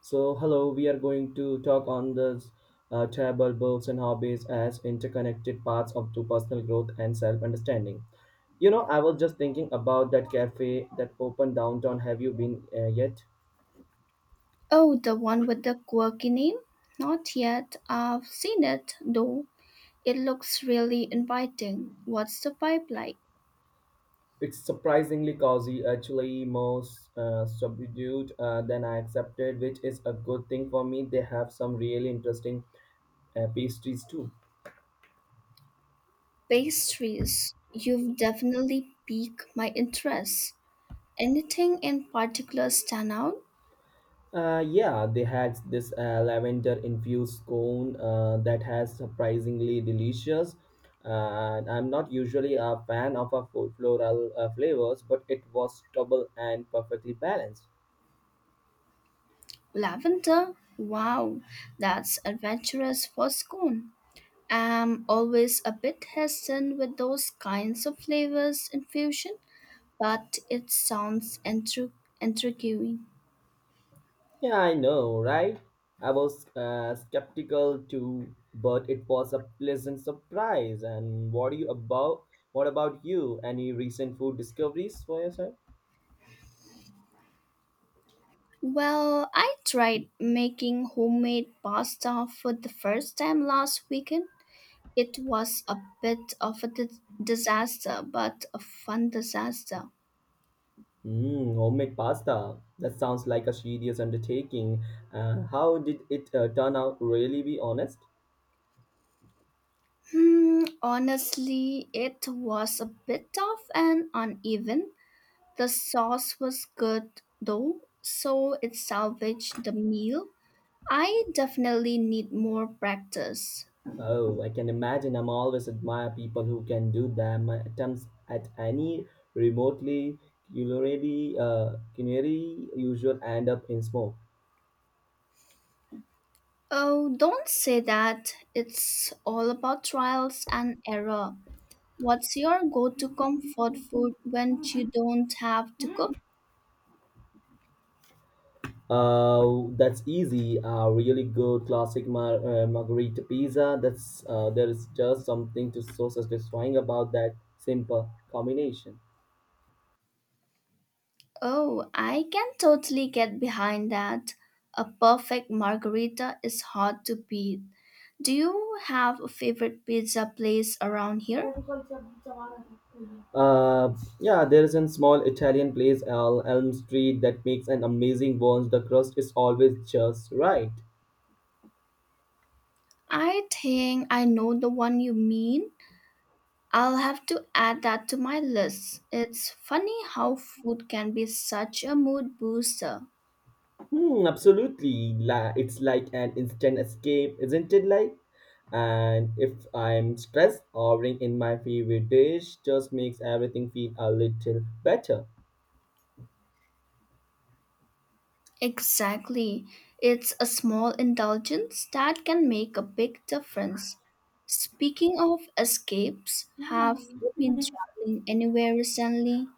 So, hello, we are going to talk on the travel, books, and hobbies as interconnected parts of to personal growth and self understanding. You know, I was just thinking about that cafe that opened downtown. Have you been yet? Oh, the one with the quirky name? Not yet. I've seen it, though. It looks really inviting. What's the vibe like? It's surprisingly cozy, actually, more subdued than I accepted, which is a good thing for me. They have some really interesting pastries too. Pastries. You've definitely piqued my interest. Anything in particular stand out? Yeah, they had this lavender infused scone that has surprisingly delicious. I'm not usually a fan of a floral flavors, but it was double and perfectly balanced. Lavender? Wow, that's adventurous for scone. I'm always a bit hesitant with those kinds of flavors infusion, but it sounds intriguing. Yeah, I know, right? I was skeptical too, but it was a pleasant surprise. And what do you about? What about you? Any recent food discoveries for yourself? Well, I tried making homemade pasta for the first time last weekend. It was a bit of a disaster, but a fun disaster. Mm, homemade pasta. That sounds like a serious undertaking. How did it turn out, really be honest? Hmm, honestly, it was a bit tough and uneven. The sauce was good though, so it salvaged the meal. I definitely need more practice. Oh, I can imagine. I'm always admire people who can do that. My attempts at any remotely culinary, culinary usual end up in smoke. Oh, don't say that. It's all about trials and error. What's your go-to comfort food when you don't have to cook? That's easy. Really good classic margarita pizza. That's there is just something to so satisfying about that simple combination. Oh, I can totally get behind that. A perfect margarita is hard to beat. Do you have a favorite pizza place around here? Yeah, there is a small Italian place, El Elm Street, that makes an amazing buns. The crust is always just right. I think I know the one you mean. I'll have to add that to my list. It's funny how food can be such a mood booster. Hmm, absolutely. It's like an instant escape, isn't it? Like, and if I'm stressed, ordering in my favorite dish just makes everything feel a little better. Exactly. It's a small indulgence that can make a big difference. Speaking of escapes, have you been traveling anywhere recently?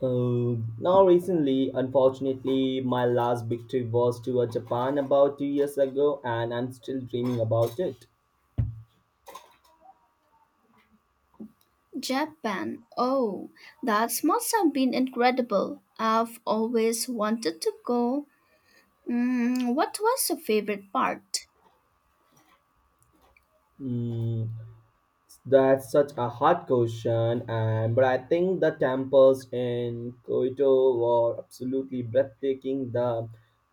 Now, recently, unfortunately, my last big trip was to Japan about 2 years ago, and I'm still dreaming about it. Japan. Oh, that must have been incredible. I've always wanted to go. Mm, what was your favorite part? Mm. That's such a hard question, and but I think the temples in Kyoto were absolutely breathtaking. The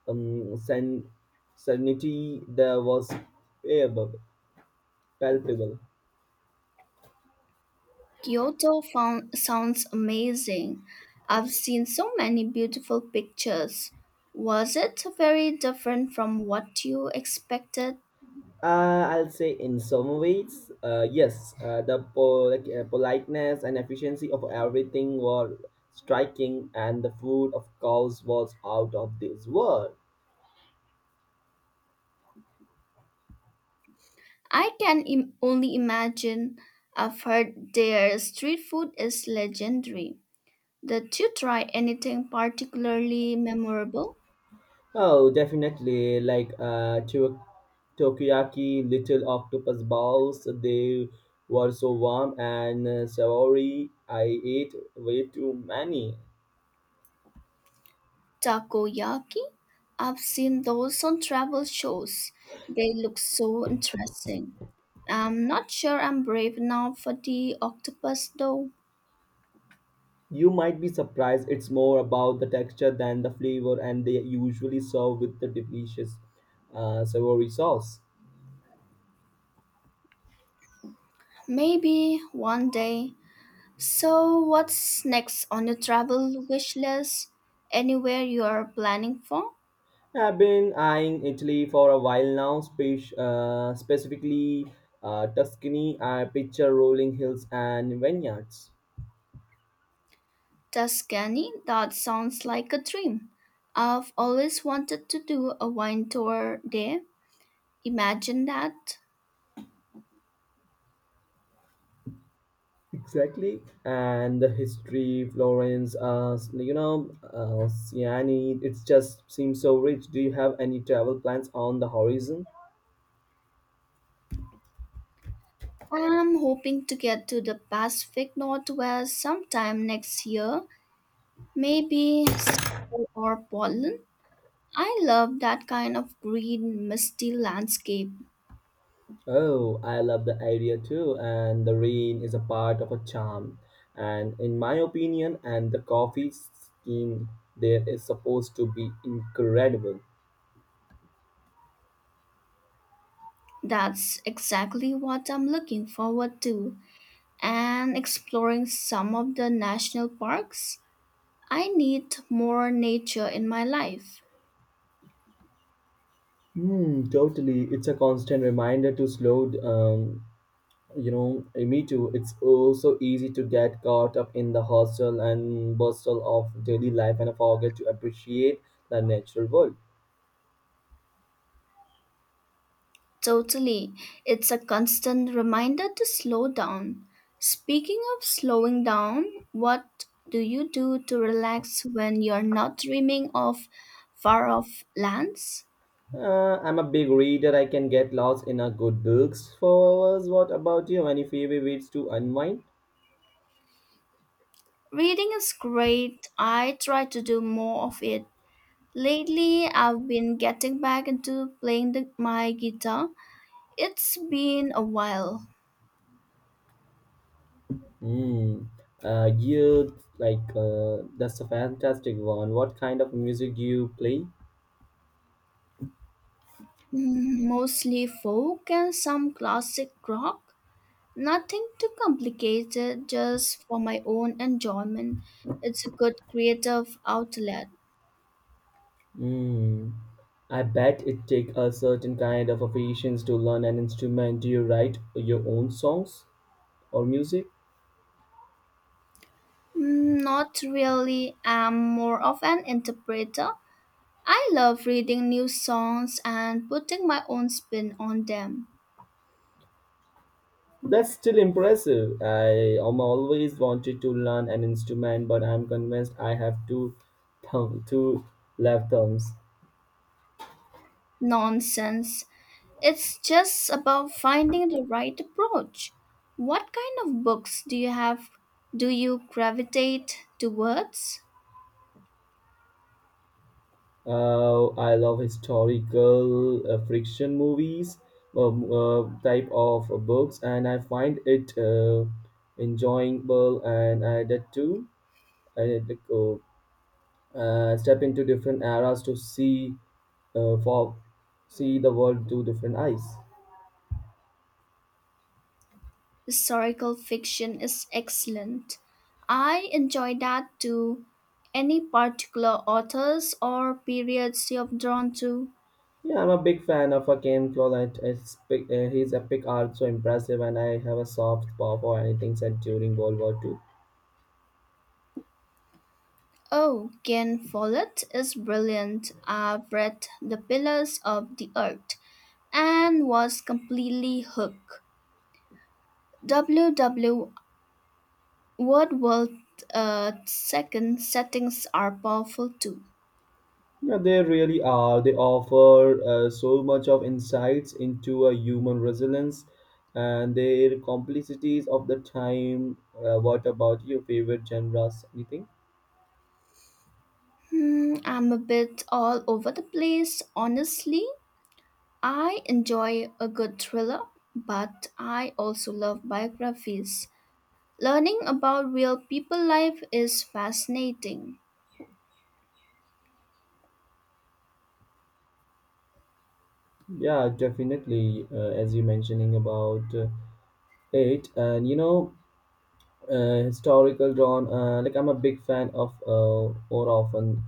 um, sen- serenity there was palpable. palpable. Kyoto found, sounds amazing. I've seen so many beautiful pictures. Was it very different from what you expected? I'll say in some ways, yes, the politeness and efficiency of everything were striking, and the food, of course, was out of this world. I can only imagine. I've heard their street food is legendary. Did you try anything particularly memorable? Oh, definitely. Takoyaki little octopus balls. They were so warm and savory. I ate way too many. Takoyaki? I've seen those on travel shows. They look so interesting. I'm not sure I'm brave enough for the octopus though. You might be surprised. It's more about the texture than the flavor, and they usually serve with the delicious savory sauce. Maybe one day. So, what's next on your travel wish list? Anywhere you are planning for? I've been eyeing Italy for a while now, specifically Tuscany, picture rolling hills and vineyards. Tuscany? That sounds like a dream. I've always wanted to do a wine tour there. Imagine that. Exactly, and the history, Florence, you know, Siani, it just seems so rich. Do you have any travel plans on the horizon? I'm hoping to get to the Pacific Northwest sometime next year, maybe Seattle or Portland. I love that kind of green, misty landscape. Oh, I love the idea too, and the rain is a part of a charm. And in my opinion, and the coffee scheme there is supposed to be incredible. That's exactly what I'm looking forward to and exploring some of the national parks. I need more nature in my life. Hmm, totally. It's a constant reminder to slow down. You know, eh, me too. It's also easy to get caught up in the hustle and bustle of daily life and forget to appreciate the natural world. Totally. It's a constant reminder to slow down. Speaking of slowing down, what do you do to relax when you're not dreaming of far off lands? I'm a big reader. I can get lost in a good books for hours. What about you? Any favorite ways to unwind? Reading is great. I try to do more of it lately. I've been getting back into playing my guitar. It's been a while. Hmm. You like that's a fantastic one. What kind of music do you play? Mm, mostly folk and some classic rock. Nothing too complicated, just for my own enjoyment. It's a good creative outlet. Hmm. I bet it take a certain kind of a patience to learn an instrument. Do you write your own songs? Or music. Mm, not really, I'm more of an interpreter. I love reading new songs and putting my own spin on them. That's still impressive. I am always wanted to learn an instrument, but I'm convinced I have two left thumbs. Nonsense. It's just about finding the right approach. What kind of books do you gravitate towards? I love historical friction movies, type of books, and I find it enjoyable. And I did too. I did step into different eras to see for see the world through different eyes. Historical fiction is excellent. I enjoy that too. Any particular authors or periods you're drawn to? Yeah, I'm a big fan of Ken Follett. It's big, his epic art so impressive, and I have a soft spot for anything set during World War Two. Oh, Ken Follett is brilliant. I've read The Pillars of the Earth and was completely hooked. W W Word world second settings are powerful too. Yeah, they really are. They offer so much of insights into a human resilience and their complexities of the time. What about your favorite genres? Anything? Hmm, I'm a bit all over the place. Honestly, I enjoy a good thriller, but I also love biographies. Learning about real people life is fascinating. Yeah, definitely. As you mentioning about it, and you know, historical drawn. Like, I'm a big fan of more often,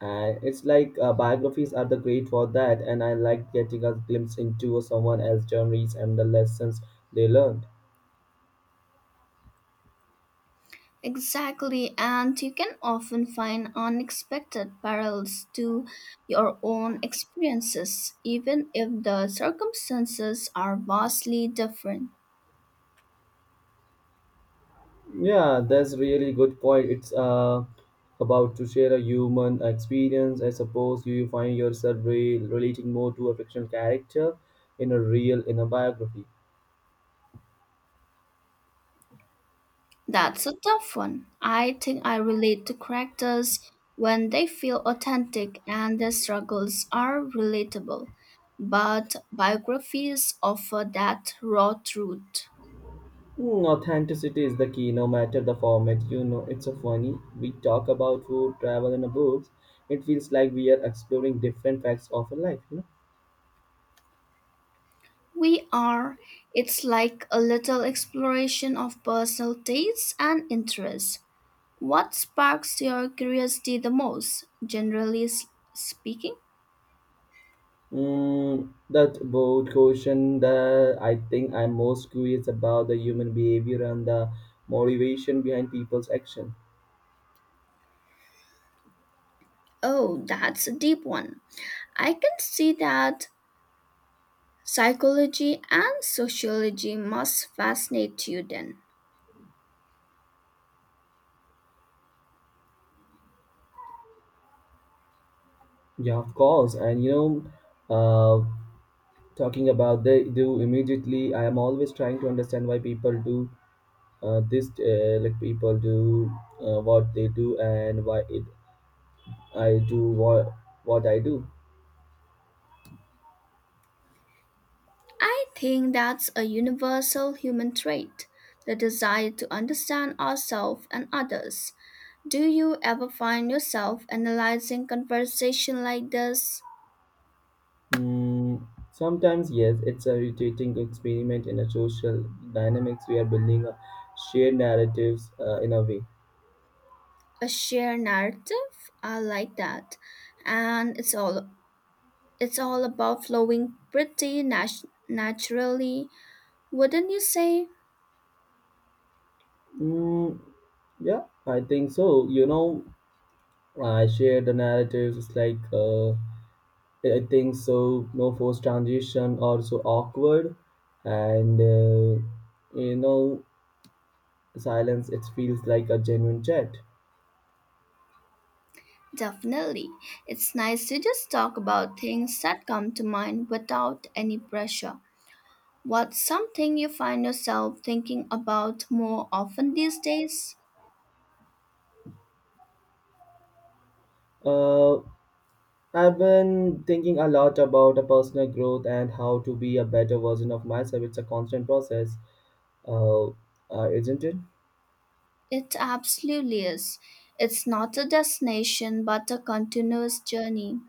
and it's like biographies are the great for that, and I like getting a glimpse into someone else's journeys and the lessons they learned. Exactly, and you can often find unexpected parallels to your own experiences, even if the circumstances are vastly different. Yeah, that's really good point. It's about to share a human experience. I suppose you find yourself relating more to a fictional character in a biography. That's a tough one. I think I relate to characters when they feel authentic and their struggles are relatable. But biographies offer that raw truth. Hmm, authenticity is the key no matter the format. You know, it's so funny we talk about food, travel, and books. It feels like we are exploring different facts of a life, you know. We are, it's like a little exploration of personal tastes and interests. What sparks your curiosity the most, generally speaking? Mm, that's both question that I think I'm most curious about the human behavior and the motivation behind people's action. Oh, that's a deep one. I can see that. Psychology and sociology must fascinate you then. Yeah, of course. And you know, uh, talking about they do immediately, I am always trying to understand why people do this, like people do what they do and why it I do what I do. I think that's a universal human trait, the desire to understand ourselves and others. Do you ever find yourself analyzing conversation like this? Hmm, sometimes, yes, it's irritating to experiment in a social dynamics. We are building a shared narratives in a way. A shared narrative? I like that. And it's all about flowing pretty naturally, wouldn't you say? Mm, yeah, I think so. You know, I share the narratives. It's like I think so. No forced transition or so awkward, and you know, silence. It feels like a genuine chat. Definitely. It's nice to just talk about things that come to mind without any pressure. What's something you find yourself thinking about more often these days? Uh, I've been thinking a lot about a personal growth and how to be a better version of myself. It's a constant process, isn't it? It absolutely is. It's not a destination but a continuous journey.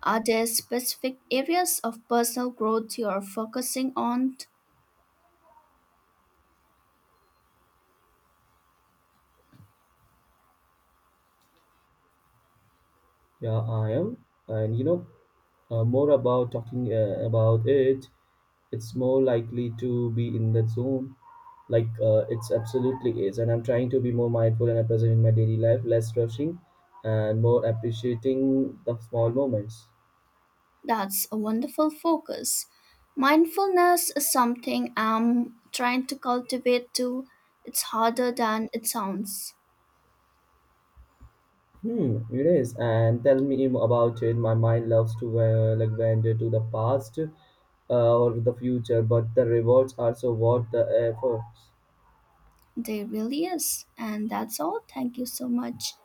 Are there specific areas of personal growth you are focusing on? Yeah, I am. And you know, more about talking about it, it's more likely to be in the zone. Like it's absolutely is. And I'm trying to be more mindful and present in my daily life, less rushing, and more appreciating the small moments. That's a wonderful focus. Mindfulness is something I'm trying to cultivate too. It's harder than it sounds. Hmm, it is. And tell me about it. My mind loves to like wander to the past or the future, but the rewards are so worth the efforts. There really is. And that's all. Thank you so much.